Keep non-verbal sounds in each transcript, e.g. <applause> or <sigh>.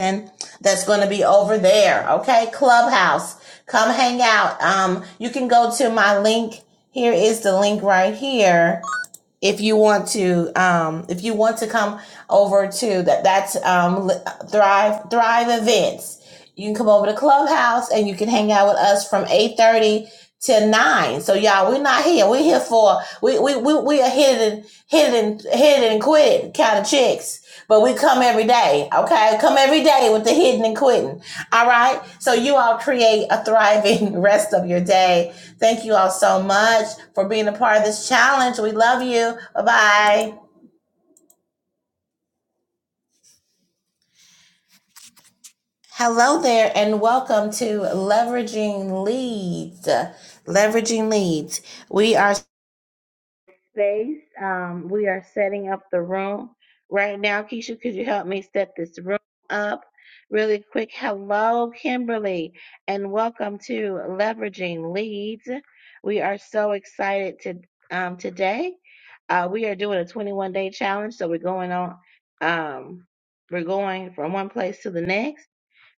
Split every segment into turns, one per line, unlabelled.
and that's going to be over there. Okay. Clubhouse. Come hang out. Um, you can go to my link. Here is the link right here. If you want to, um, if you want to come over to that, that's, um, Thrive, Thrive events. You can come over to Clubhouse and you can hang out with us from 830 to nine. So y'all, we're not here. We're here for, we, we, we, we are hidden, hidden, hidden and quit kind of chicks. But we come every day, okay? Come every day with the hidden and quitting, all right? So you all create a thriving <laughs> rest of your day. Thank you all so much for being a part of this challenge. We love you. Bye bye. Hello there, and welcome to Leveraging Leads. Leveraging Leads. We are space. Um, we are setting up the room right now. Keisha, could you help me set this room up really quick? Hello, Kimberly, and welcome to Leveraging Leads. We are so excited to um, today. Uh, we are doing a 21 day challenge, so we're going on. Um, we're going from one place to the next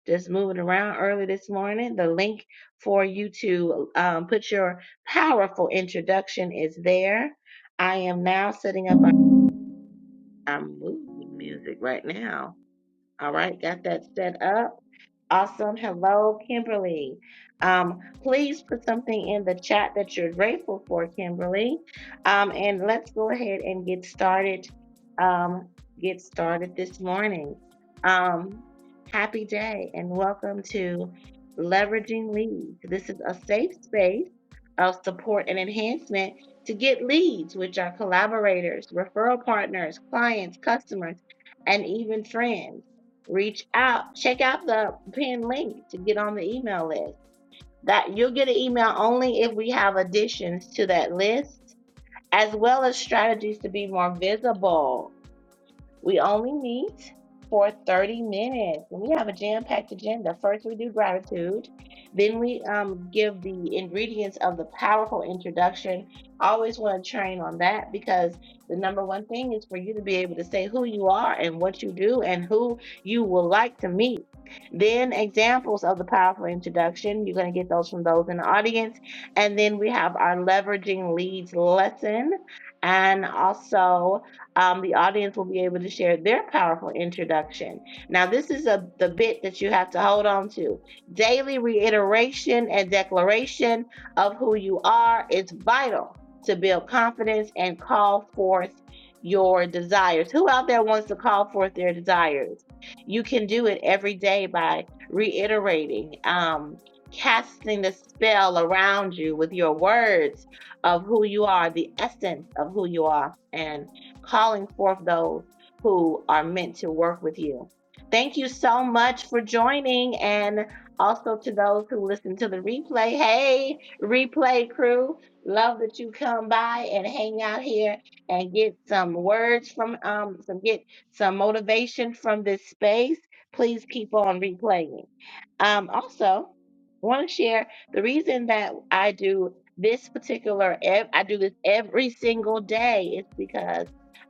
just moving around early this morning. The link for you to um, put your powerful introduction is there. I am now setting up. A, I'm moving music right now. All right, got that set up. Awesome. Hello, Kimberly. Um, please put something in the chat that you're grateful for, Kimberly. Um, and let's go ahead and get started. Um, get started this morning. Um, happy day and welcome to Leveraging Leads. This is a safe space of support and enhancement to get leads, which are collaborators, referral partners, clients, customers, and even friends reach out, check out the pin link to get on the email list. That you'll get an email only if we have additions to that list, as well as strategies to be more visible we only meet for 30 minutes. And we have a jam packed agenda. First, we do gratitude. Then, we um, give the ingredients of the powerful introduction. I always want to train on that because the number one thing is for you to be able to say who you are and what you do and who you would like to meet. Then, examples of the powerful introduction. You're going to get those from those in the audience. And then, we have our leveraging leads lesson and also um, the audience will be able to share their powerful introduction. Now, this is a, the bit that you have to hold on to. Daily reiteration and declaration of who you are is vital to build confidence and call forth your desires. Who out there wants to call forth their desires? You can do it every day by reiterating, um, casting the spell around you with your words of who you are, the essence of who you are. And calling forth those who are meant to work with you. Thank you so much for joining, and also to those who listen to the replay. Hey, replay crew, love that you come by and hang out here and get some words from um some get some motivation from this space. Please keep on replaying. Um, also, want to share the reason that I do this particular ev- I do this every single day is because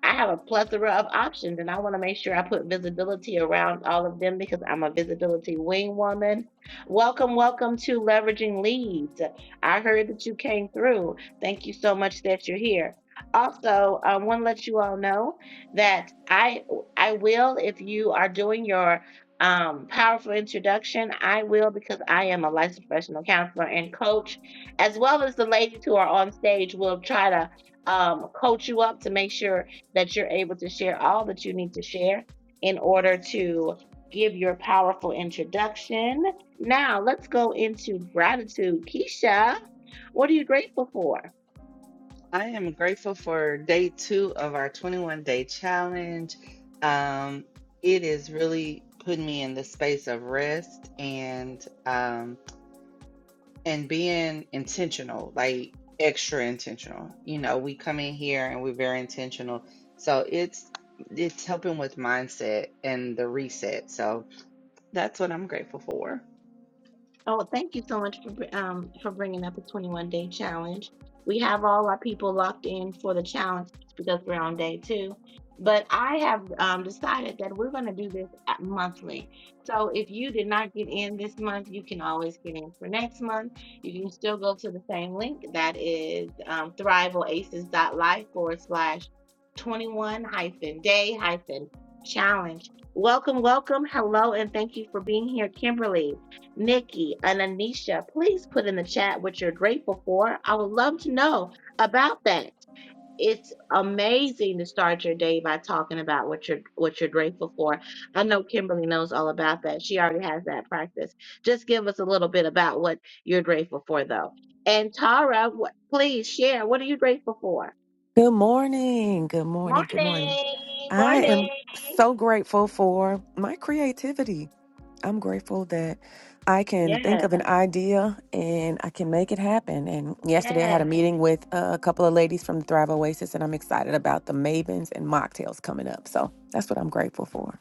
I have a plethora of options, and I want to make sure I put visibility around all of them because I'm a visibility wing woman. Welcome, welcome to Leveraging Leads. I heard that you came through. Thank you so much that you're here. Also, I want to let you all know that I I will if you are doing your um, powerful introduction. I will because I am a licensed professional counselor and coach, as well as the ladies who are on stage will try to um, coach you up to make sure that you're able to share all that you need to share in order to give your powerful introduction. Now, let's go into gratitude. Keisha, what are you grateful for?
I am grateful for day two of our 21 day challenge. Um, it is really putting me in the space of rest and um, and being intentional, like extra intentional. You know, we come in here and we're very intentional. So it's it's helping with mindset and the reset. So that's what I'm grateful for.
Oh, thank you so much for br- um for bringing up the 21 day challenge. We have all our people locked in for the challenge because we're on day two. But I have um, decided that we're going to do this at- monthly. So if you did not get in this month, you can always get in for next month. You can still go to the same link that is um, thriveoasis.life forward slash 21 hyphen day hyphen challenge. Welcome, welcome. Hello, and thank you for being here, Kimberly. Nikki, and Anisha, please put in the chat what you're grateful for. I would love to know about that. It's amazing to start your day by talking about what you're what you're grateful for. I know Kimberly knows all about that. She already has that practice. Just give us a little bit about what you're grateful for, though. And Tara, what, please share. What are you grateful for?
Good morning. Good morning. Good morning.
Morning,
I am
morning.
so grateful for my creativity. I'm grateful that I can think
Yes,
of an idea and I can make it happen. And yesterday I
yes.
had a meeting with uh, a couple of ladies from the Thrive Oasis, and I'm excited about the Mavens and mocktails coming up. So that's what I'm grateful for.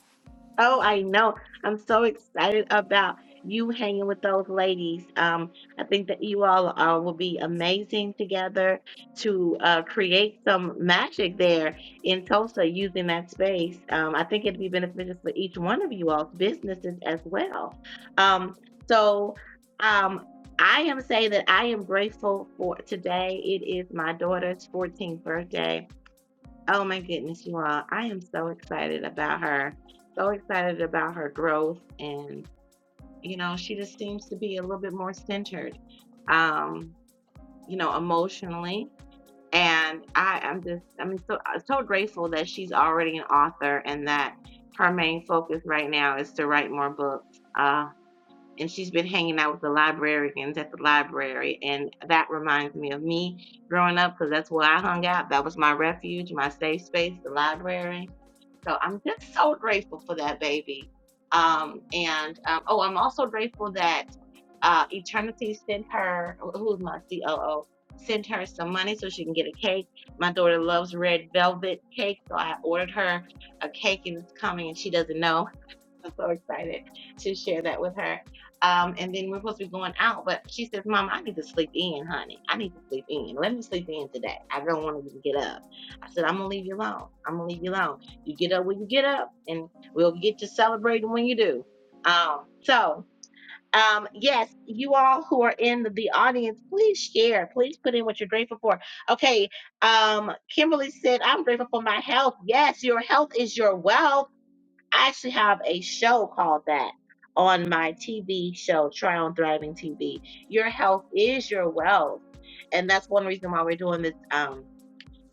Oh, I know. I'm so excited about you hanging with those ladies. Um, I think that you all uh, will be amazing together to uh, create some magic there in Tulsa using that space. Um, I think it'd be beneficial for each one of you all's businesses as well. Um, so um, I am saying that I am grateful for today. It is my daughter's 14th birthday Oh my goodness, you all. I am so excited about her. So excited about her growth. And, you know, she just seems to be a little bit more centered, um, you know, emotionally. And I am just, I mean, so, so grateful that she's already an author and that her main focus right now is to write more books. Uh, and she's been hanging out with the librarians at the library. And that reminds me of me growing up because that's where I hung out. That was my refuge, my safe space, the library. So I'm just so grateful for that baby. Um, and um, oh, I'm also grateful that uh, Eternity sent her, who's my COO, sent her some money so she can get a cake. My daughter loves red velvet cake, so I ordered her a cake and it's coming and she doesn't know. I'm so excited to share that with her. Um, and then we're supposed to be going out, but she says, Mom, I need to sleep in, honey. I need to sleep in. Let me sleep in today. I don't want to get up. I said, I'm going to leave you alone. I'm going to leave you alone. You get up when you get up, and we'll get to celebrating when you do. Um, so, um, yes, you all who are in the the audience, please share. Please put in what you're grateful for. Okay, um, Kimberly said, I'm grateful for my health. Yes, your health is your wealth. I actually have a show called that on my TV show, Try on Thriving TV. Your health is your wealth. And that's one reason why we're doing this. Um,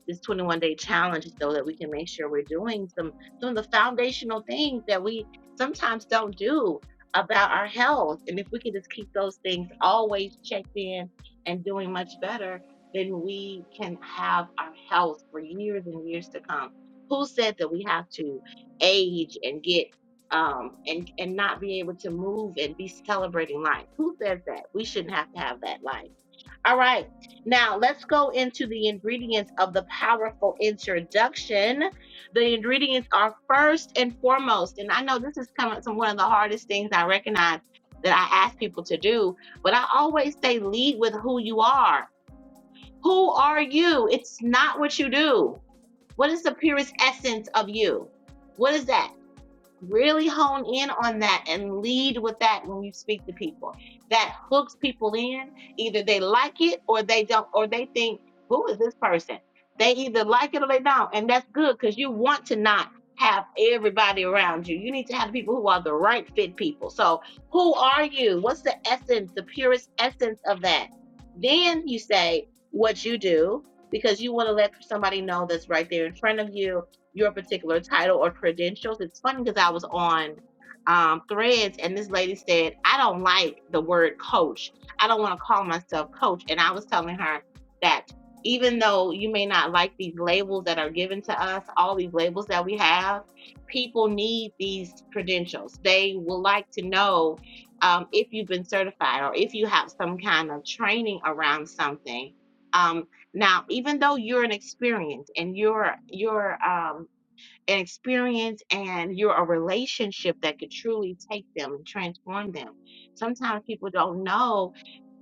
this 21 day challenge so that we can make sure we're doing some some of the foundational things that we sometimes don't do about our health. And if we can just keep those things always checked in and doing much better, then we can have our health for years and years to come. Who said that we have to age and get um and and not be able to move and be celebrating life? Who says that? We shouldn't have to have that life. All right. Now let's go into the ingredients of the powerful introduction. The ingredients are first and foremost, and I know this is coming from one of the hardest things I recognize that I ask people to do, but I always say lead with who you are. Who are you? It's not what you do. What is the purest essence of you? What is that? really hone in on that and lead with that when you speak to people that hooks people in either they like it or they don't or they think who is this person they either like it or they don't and that's good because you want to not have everybody around you you need to have people who are the right fit people so who are you what's the essence the purest essence of that then you say what you do because you want to let somebody know that's right there in front of you your particular title or credentials. It's funny because I was on um, threads and this lady said, I don't like the word coach. I don't want to call myself coach. And I was telling her that even though you may not like these labels that are given to us, all these labels that we have, people need these credentials. They will like to know um, if you've been certified or if you have some kind of training around something. Um, now, even though you're an experience and you're you're um an experience and you're a relationship that could truly take them and transform them, sometimes people don't know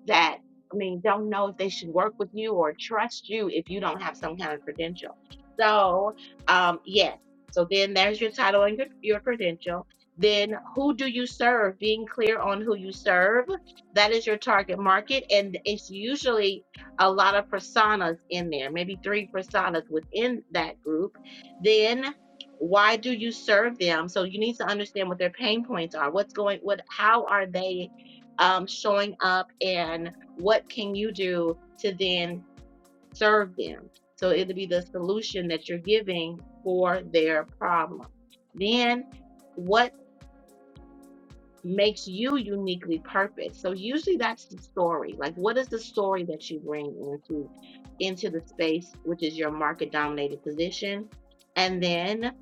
that I mean don't know if they should work with you or trust you if you don't have some kind of credential. So um, yes, so then there's your title and your, your credential. Then who do you serve? Being clear on who you serve, that is your target market, and it's usually a lot of personas in there, maybe three personas within that group. Then why do you serve them? So you need to understand what their pain points are. What's going? What? How are they? um, showing up and what can you do to then serve them? So it'll be the solution that you're giving for their problem. Then, what makes you uniquely purposed. So usually that's the story. Like what is the story that you bring into into the space, which is your market dominated position? And then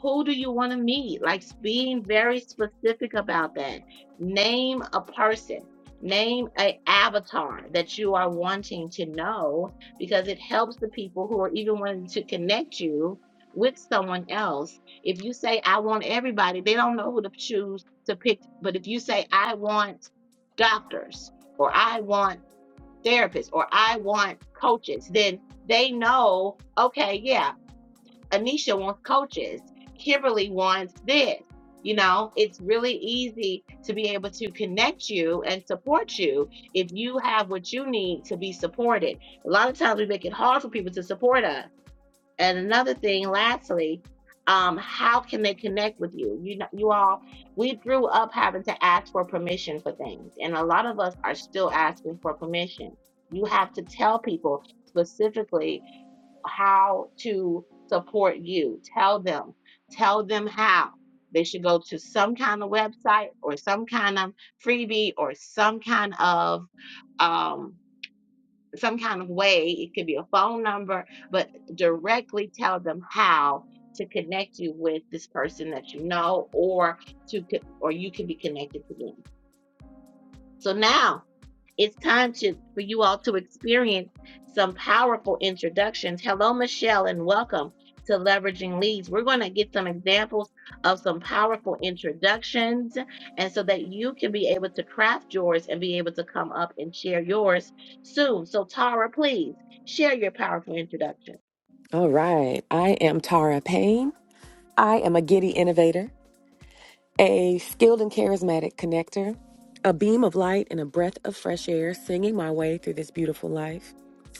who do you want to meet? Like being very specific about that. Name a person. Name a avatar that you are wanting to know because it helps the people who are even wanting to connect you with someone else. If you say I want everybody, they don't know who to choose to pick. But if you say, I want doctors, or I want therapists, or I want coaches, then they know, okay, yeah, Anisha wants coaches, Kimberly wants this. You know, it's really easy to be able to connect you and support you if you have what you need to be supported. A lot of times we make it hard for people to support us and another thing, lastly, um, how can they connect with you? You know, you all, we grew up having to ask for permission for things, and a lot of us are still asking for permission. You have to tell people specifically how to support you. Tell them, tell them how. They should go to some kind of website or some kind of freebie or some kind of um, some kind of way. It could be a phone number, but directly tell them how to connect you with this person that you know, or to or you can be connected to them. So now it's time to for you all to experience some powerful introductions. Hello, Michelle, and welcome to Leveraging Leads. We're going to get some examples of some powerful introductions, and so that you can be able to craft yours and be able to come up and share yours soon. So, Tara, please share your powerful introduction.
All right. I am Tara Payne. I am a giddy innovator. a skilled and charismatic connector, a beam of light and a breath of fresh air singing my way through this beautiful life.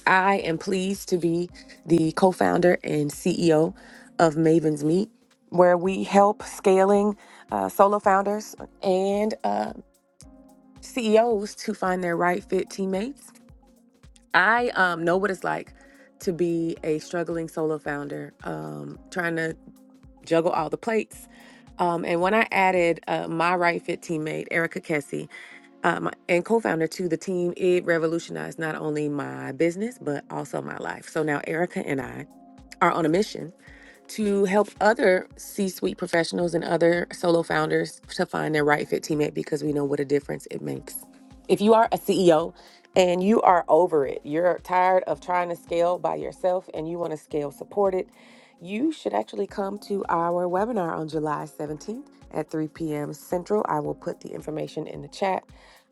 I am pleased to be the co founder and CEO of Maven's Meet, where we help scaling uh, solo founders and uh, CEOs to find their right fit teammates. I um, know what it's like to be a struggling solo founder, um, trying to juggle all the plates um, and when I added uh, my Right Fit teammate, Erica Kessie, um, and co founder to the team, it revolutionized not only my business, but also my life. So now Erica and I are on a mission to help other C suite professionals and other solo founders to find their right fit teammate because we know what a difference it makes. If you are a CEO and you are over it, you're tired of trying to scale by yourself and you want to scale supported, you should actually come to our webinar on July 17th at 3 p.m. Central. I will put the information in the chat.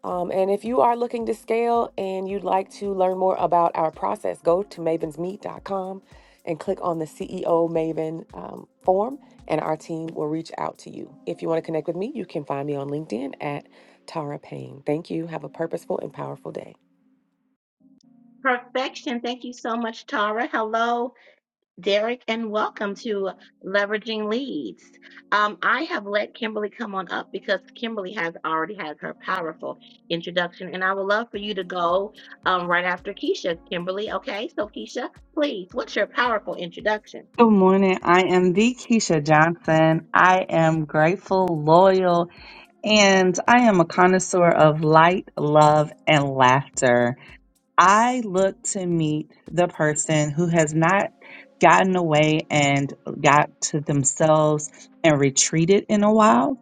Um, and if you are looking to scale and you'd like to learn more about our process, go to mavensmeet.com and click on the CEO Maven um, form, and our team will reach out to you. If you want to connect with me, you can find me on LinkedIn at Tara Payne. Thank you. Have a purposeful and powerful day.
Perfection. Thank you so much, Tara. Hello. Derek, and welcome to Leveraging Leads. Um, I have let Kimberly come on up because Kimberly has already had her powerful introduction, and I would love for you to go um, right after Keisha, Kimberly. Okay, so Keisha, please, what's your powerful introduction?
Good morning. I am the Keisha Johnson. I am grateful, loyal, and I am a connoisseur of light, love, and laughter. I look to meet the person who has not gotten away and got to themselves and retreated in a while.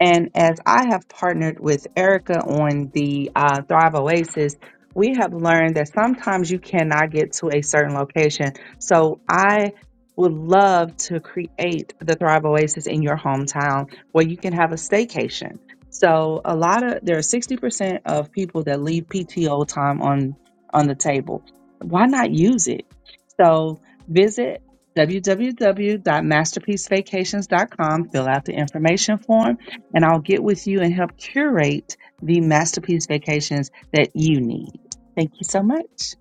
And as I have partnered with Erica on the uh, Thrive Oasis, we have learned that sometimes you cannot get to a certain location. So I would love to create the Thrive Oasis in your hometown where you can have a staycation. So a lot of there are 60% of people that leave PTO time on on the table. Why not use it? So visit www.masterpiecevacations.com, fill out the information form, and I'll get with you and help curate the masterpiece vacations that you need. Thank you so much.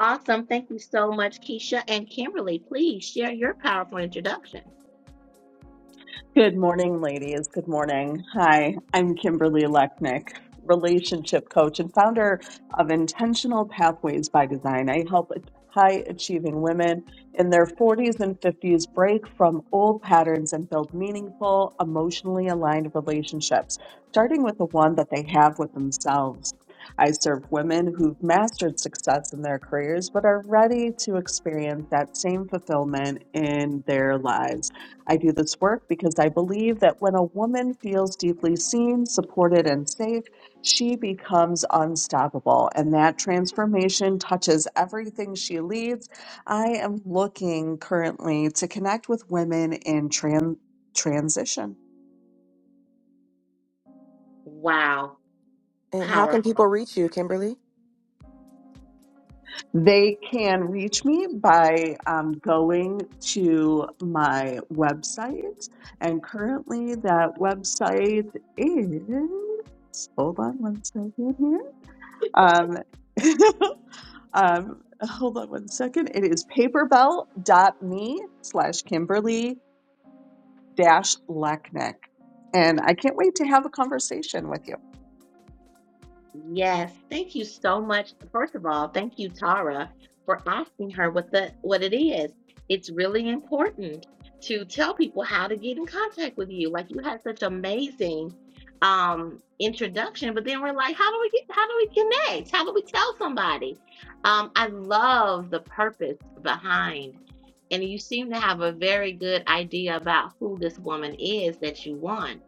Awesome. Thank you so much, Keisha and Kimberly. Please share your powerful introduction.
Good morning, ladies. Good morning. Hi, I'm Kimberly Lechnick, relationship coach and founder of Intentional Pathways by Design. I help high achieving women in their 40s and 50s break from old patterns and build meaningful, emotionally aligned relationships, starting with the one that they have with themselves. I serve women who've mastered success in their careers but are ready to experience that same fulfillment in their lives. I do this work because I believe that when a woman feels deeply seen, supported, and safe, she becomes unstoppable, and that transformation touches everything she leads. I am looking currently to connect with women in trans. Transition.
Wow,
And how can
powerful.
people reach you, Kimberly?
They can reach me by um, going to my website, and currently that website is. Hold on one second here Um, <laughs> um, hold on one second. It is paperbell.me slash Kimberly dash Lacknick. And I can't wait to have a conversation with you.
Yes, thank you so much. First of all, thank you, Tara, for asking her what the what it is. It's really important to tell people how to get in contact with you. Like you had such amazing um introduction, but then we're like, how do we get how do we connect? How do we tell somebody? Um, I love the purpose behind and you seem to have a very good idea about who this woman is that you want.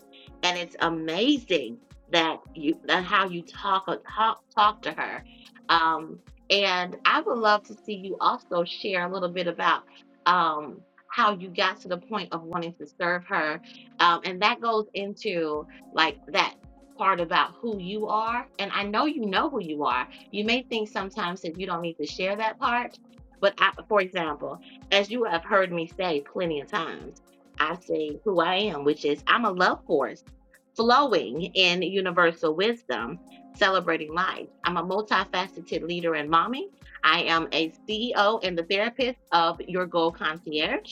And it's amazing that you that how you talk talk talk to her. Um, and I would love to see you also share a little bit about um, how you got to the point of wanting to serve her, um, and that goes into like that part about who you are. And I know you know who you are. You may think sometimes that you don't need to share that part, but I, for example, as you have heard me say plenty of times, I say who I am, which is I'm a love force flowing in universal wisdom, celebrating life. I'm a multifaceted leader and mommy. I am a CEO and the therapist of Your Goal Concierge.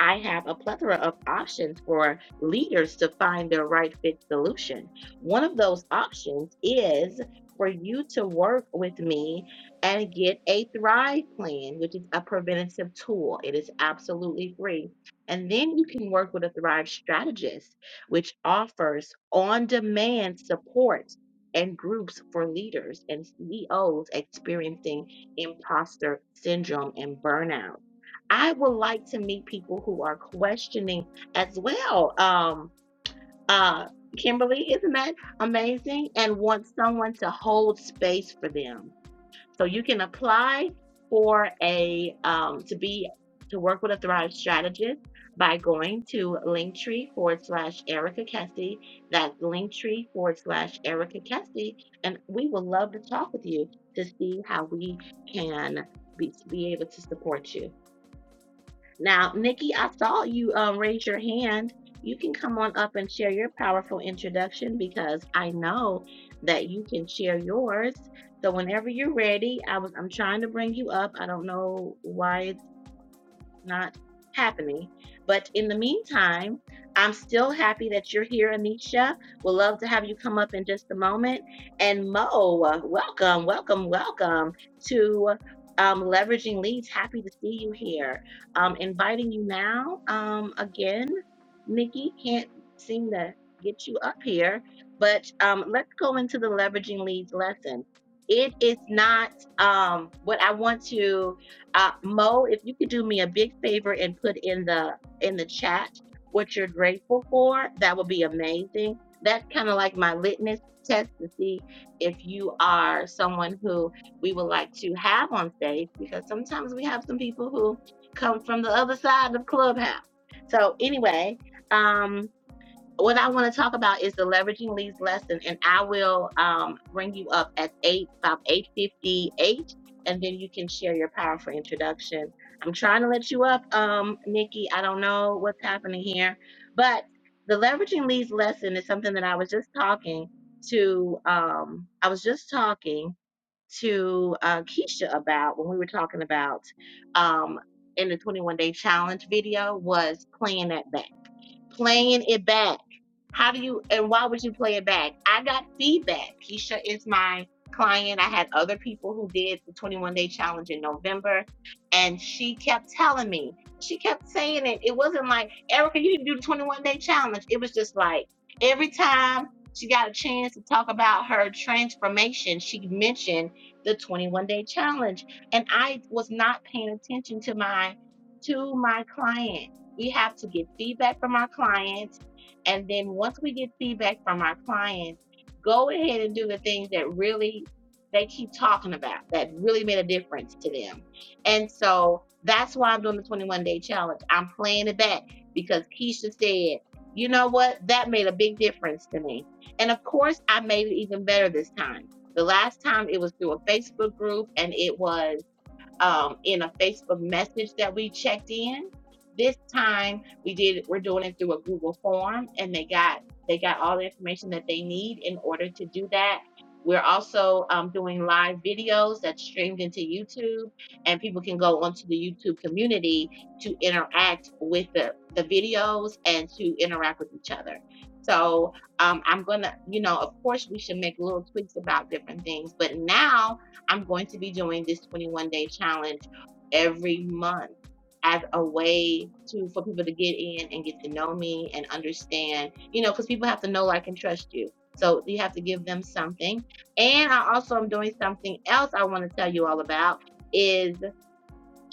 I have a plethora of options for leaders to find their right fit solution. One of those options is for you to work with me and get a Thrive Plan, which is a preventative tool. It is absolutely free. And then you can work with a Thrive strategist, which offers on demand support and groups for leaders and CEOs experiencing imposter syndrome and burnout. I would like to meet people who are questioning as well. Um, uh, Kimberly, isn't that amazing? And want someone to hold space for them. So you can apply for a um, to be to work with a Thrive strategist by going to Linktree forward slash Erica Kessie. That's Linktree forward slash Erica Kessie, and we would love to talk with you to see how we can be, be able to support you. Now, Nikki, I saw you um, raise your hand. You can come on up and share your powerful introduction because I know that you can share yours. So whenever you're ready, I was I'm trying to bring you up. I don't know why not happening. But in the meantime, I'm still happy that you're here, Anisha. We'd love to have you come up in just a moment. And Mo, uh, welcome, welcome, welcome to um, Leveraging Leads. Happy to see you here. Um, inviting you now um, again. Nikki can't seem to get you up here, but um, let's go into the Leveraging Leads lesson. It is not um, what I want to uh, Mo, if you could do me a big favor and put in the in the chat what you're grateful for, that would be amazing. That's kind of like my litmus test to see if you are someone who we would like to have on stage because sometimes we have some people who come from the other side of Clubhouse. So anyway, um, what I want to talk about is the leveraging leads lesson, and I will um, bring you up at eight about eight fifty eight, and then you can share your powerful introduction. I'm trying to let you up, um, Nikki. I don't know what's happening here, but the leveraging leads lesson is something that I was just talking to. Um, I was just talking to uh, Keisha about when we were talking about um, in the 21 day challenge video was playing at that playing it back. How do you and why would you play it back? I got feedback. Keisha is my client. I had other people who did the 21 day challenge in November, and she kept telling me, she kept saying it. It wasn't like, Erica, you need to do the 21 day challenge. It was just like every time she got a chance to talk about her transformation, she mentioned the 21 day challenge. And I was not paying attention to my to my client we have to get feedback from our clients. And then once we get feedback from our clients, go ahead and do the things that really they keep talking about that really made a difference to them. And so that's why I'm doing the 21 day challenge. I'm playing it back because Keisha said, you know what? That made a big difference to me. And of course, I made it even better this time. The last time it was through a Facebook group and it was um, in a Facebook message that we checked in. This time we did we're doing it through a Google form and they got they got all the information that they need in order to do that. We're also um, doing live videos that's streamed into YouTube and people can go onto the YouTube community to interact with the, the videos and to interact with each other. So um, I'm gonna, you know, of course we should make little tweaks about different things, but now I'm going to be doing this 21 day challenge every month as a way to for people to get in and get to know me and understand, you know, because people have to know, like, and trust you. So you have to give them something. And I also am doing something else I want to tell you all about is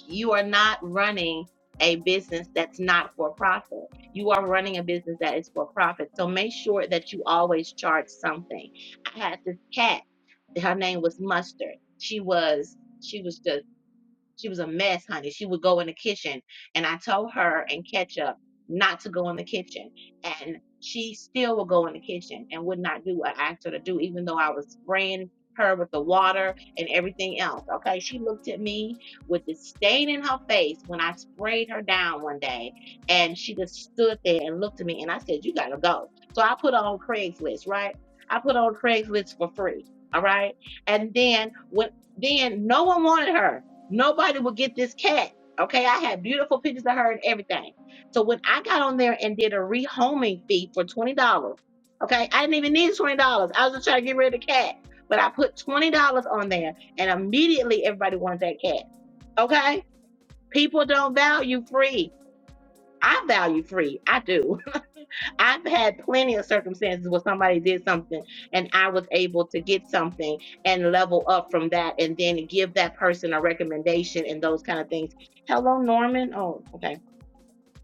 you are not running a business that's not for profit. You are running a business that is for profit. So make sure that you always charge something. I had this cat. Her name was Mustard. She was she was just she was a mess, honey. She would go in the kitchen, and I told her and Ketchup not to go in the kitchen, and she still would go in the kitchen and would not do what I asked her to do, even though I was spraying her with the water and everything else. Okay, she looked at me with the stain in her face when I sprayed her down one day, and she just stood there and looked at me, and I said, "You gotta go." So I put on Craigslist, right? I put on Craigslist for free, all right. And then when then no one wanted her. Nobody would get this cat. Okay, I had beautiful pictures of her and everything. So when I got on there and did a rehoming fee for twenty dollars, okay, I didn't even need twenty dollars. I was just trying to get rid of the cat, but I put twenty dollars on there, and immediately everybody wanted that cat. Okay, people don't value free. I value free. I do. I've had plenty of circumstances where somebody did something and I was able to get something and level up from that and then give that person a recommendation and those kind of things. Hello, Norman. Oh, okay.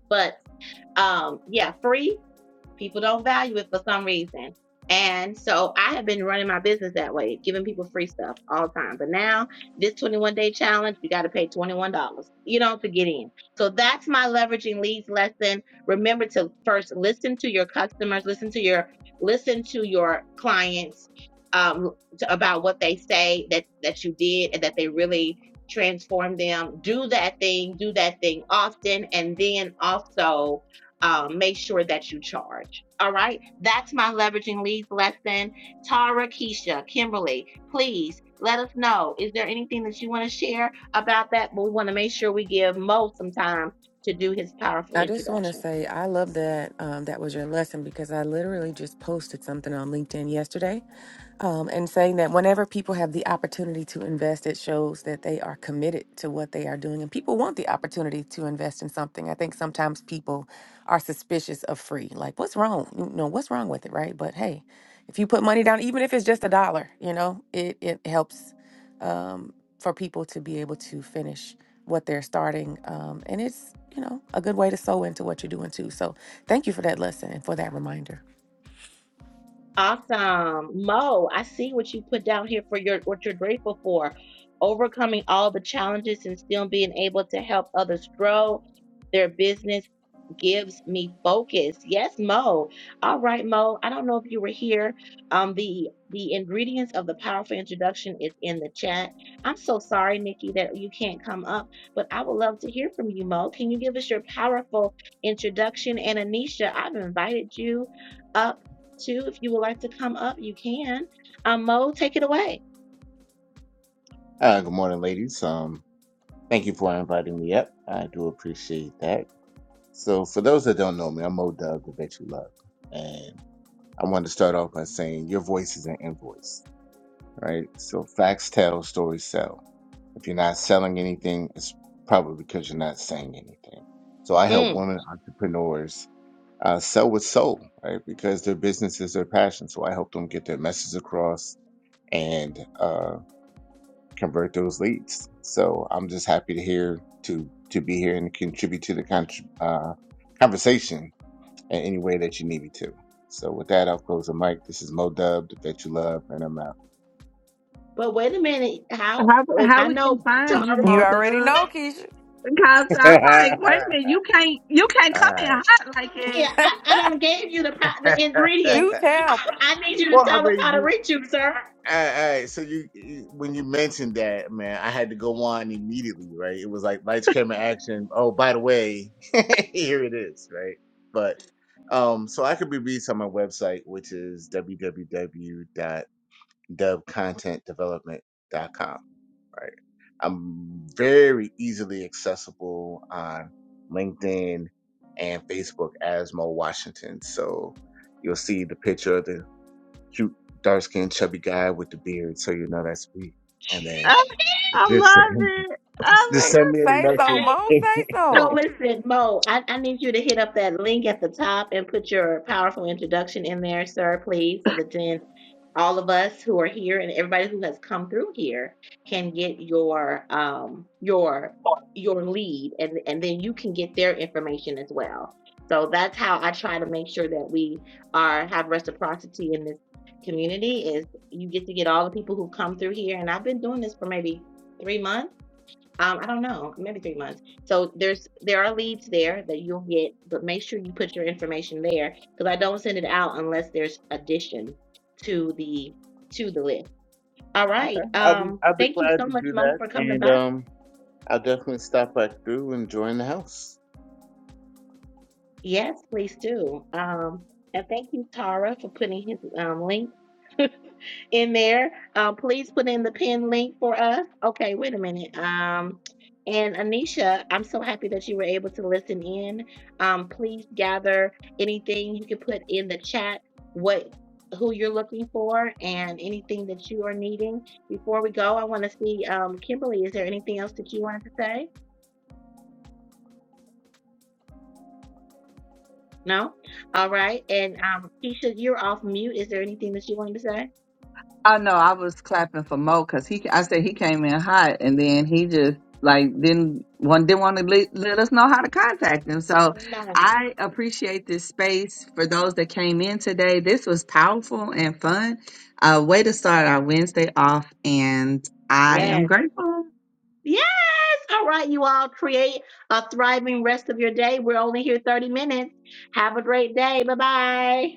But um, yeah, free People don't value it for some reason. And so I have been running my business that way, giving people free stuff all the time. But now this 21 day challenge, you got to pay $21, you know, to get in. So that's my leveraging leads lesson. Remember to first listen to your customers, listen to your, listen to your clients um, to, about what they say that, that you did and that they really transformed them. Do that thing, do that thing often. And then also, um, make sure that you charge. All right. That's my leveraging leads lesson. Tara, Keisha, Kimberly, please let us know. Is there anything that you want to share about that? But we want to make sure we give Mo some time to do his powerful
I just want to
introduction.
say I love that um, that was your lesson because I literally just posted something on LinkedIn yesterday um, and saying that whenever people have the opportunity to invest, it shows that they are committed to what they are doing. And people want the opportunity to invest in something. I think sometimes people are suspicious of free. Like, what's wrong? You know, what's wrong with it, right? But hey, if you put money down, even if it's just a dollar, you know, it, it helps um, for people to be able to finish what they're starting. Um, and it's, you know, a good way to sew into what you're doing too. So thank you for that lesson and for that reminder.
Awesome. Mo, I see what you put down here for your what you're grateful for. Overcoming all the challenges and still being able to help others grow their business gives me focus. Yes, Mo. All right, Mo. I don't know if you were here. Um, the the ingredients of the powerful introduction is in the chat. I'm so sorry, Nikki, that you can't come up, but I would love to hear from you, Mo. Can you give us your powerful introduction? And Anisha, I've invited you up to. If you would like to come up, you can. Um, Mo, take it away.
Uh, good morning, ladies. Um, thank you for inviting me up. I do appreciate that. So, for those that don't know me, I'm Mo Dub, the Bet You Love, and I want to start off by saying your voice is an invoice, right? So, facts tell, stories sell. If you're not selling anything, it's probably because you're not saying anything. So, I help
Mm.
women entrepreneurs uh, sell with soul, right? Because their business is their passion. So, I help them get their message across and uh, convert those leads. So I'm just happy to hear to to be here and contribute to the con- uh, conversation in any way that you need me to. So with that, I'll close the mic. This is Mo Dub, the Bet You Love, and I'm out.
But wait a minute, how?
How how
I
we can
know,
find you,
Tara,
You
Mo
already
Dub?
know, Keisha.
Because
<laughs>
I'm like, wait a minute, you can't you can't
all
come in
right.
hot like
come here.
that.
I, I done gave you the pro- the
Do
ingredients. <laughs>
tell.
I need you to
Well, I
tell us
mean,
how to
you.
reach you, sir.
All right. So you, you- when you mentioned that, man, I had to go on immediately, right? It was like lights, camera, action. Oh, by the way, <laughs> here it is, right? But um, so I could be reached on my website, which is www dubcontentdevelopment.com. Right, I'm very easily accessible on LinkedIn and Facebook as Mo Washington. So you'll see the picture of the cute dark skinned chubby guy with the beard, so you know that's me. And then
<laughs>
just <laughs> just
Say,
send me a
say so,
message.
Hey,
Mo.
<laughs>
Say
So
so.
listen, Mo, I, I need you to hit up that link at the top and put your powerful introduction in there, sir, please, so that then all of us who are here and everybody who has come through here can get your um your your lead and and then you can get their information as well. So that's how I try to make sure that we are have reciprocity in this community is you get to get all the people who come through here and I've been doing this for maybe 3 months um, I don't know, maybe three months. So there's there are leads there that you'll get, but make sure you put your information there because I don't send it out unless there's addition to the to the list. All
Okay,
right.
I'll be
Um,
I'll be
thank you
glad
so
to
much,
do
Mo,
that,
for coming
and
by.
um, I'll definitely stop back through and join the house.
Yes, please do. Um, and thank you, Tara, for putting his um, link. <laughs> in there. Um, please put in the pin link for us. Okay, wait a minute. Um, and Anisha, I'm so happy that you were able to listen in. Um, please gather anything you can put in the chat. What who you're looking for and anything that you are needing. Before we go, I want to see um, Kimberly. Is there anything else that you wanted to say? No. All right. And um, Keisha, you're off mute. Is there anything that you wanted to say?
I know I was clapping for Mo because he. I said he came in hot, and then he just like didn't one didn't want to let, let us know how to contact him. So
No.
I appreciate this space for those that came in today. This was powerful and fun. Uh, way to start our Wednesday off, and I
Yes.
am grateful.
Yes. All right, you all create a thriving rest of your day. We're only here 30 minutes. Have a great day. Bye bye.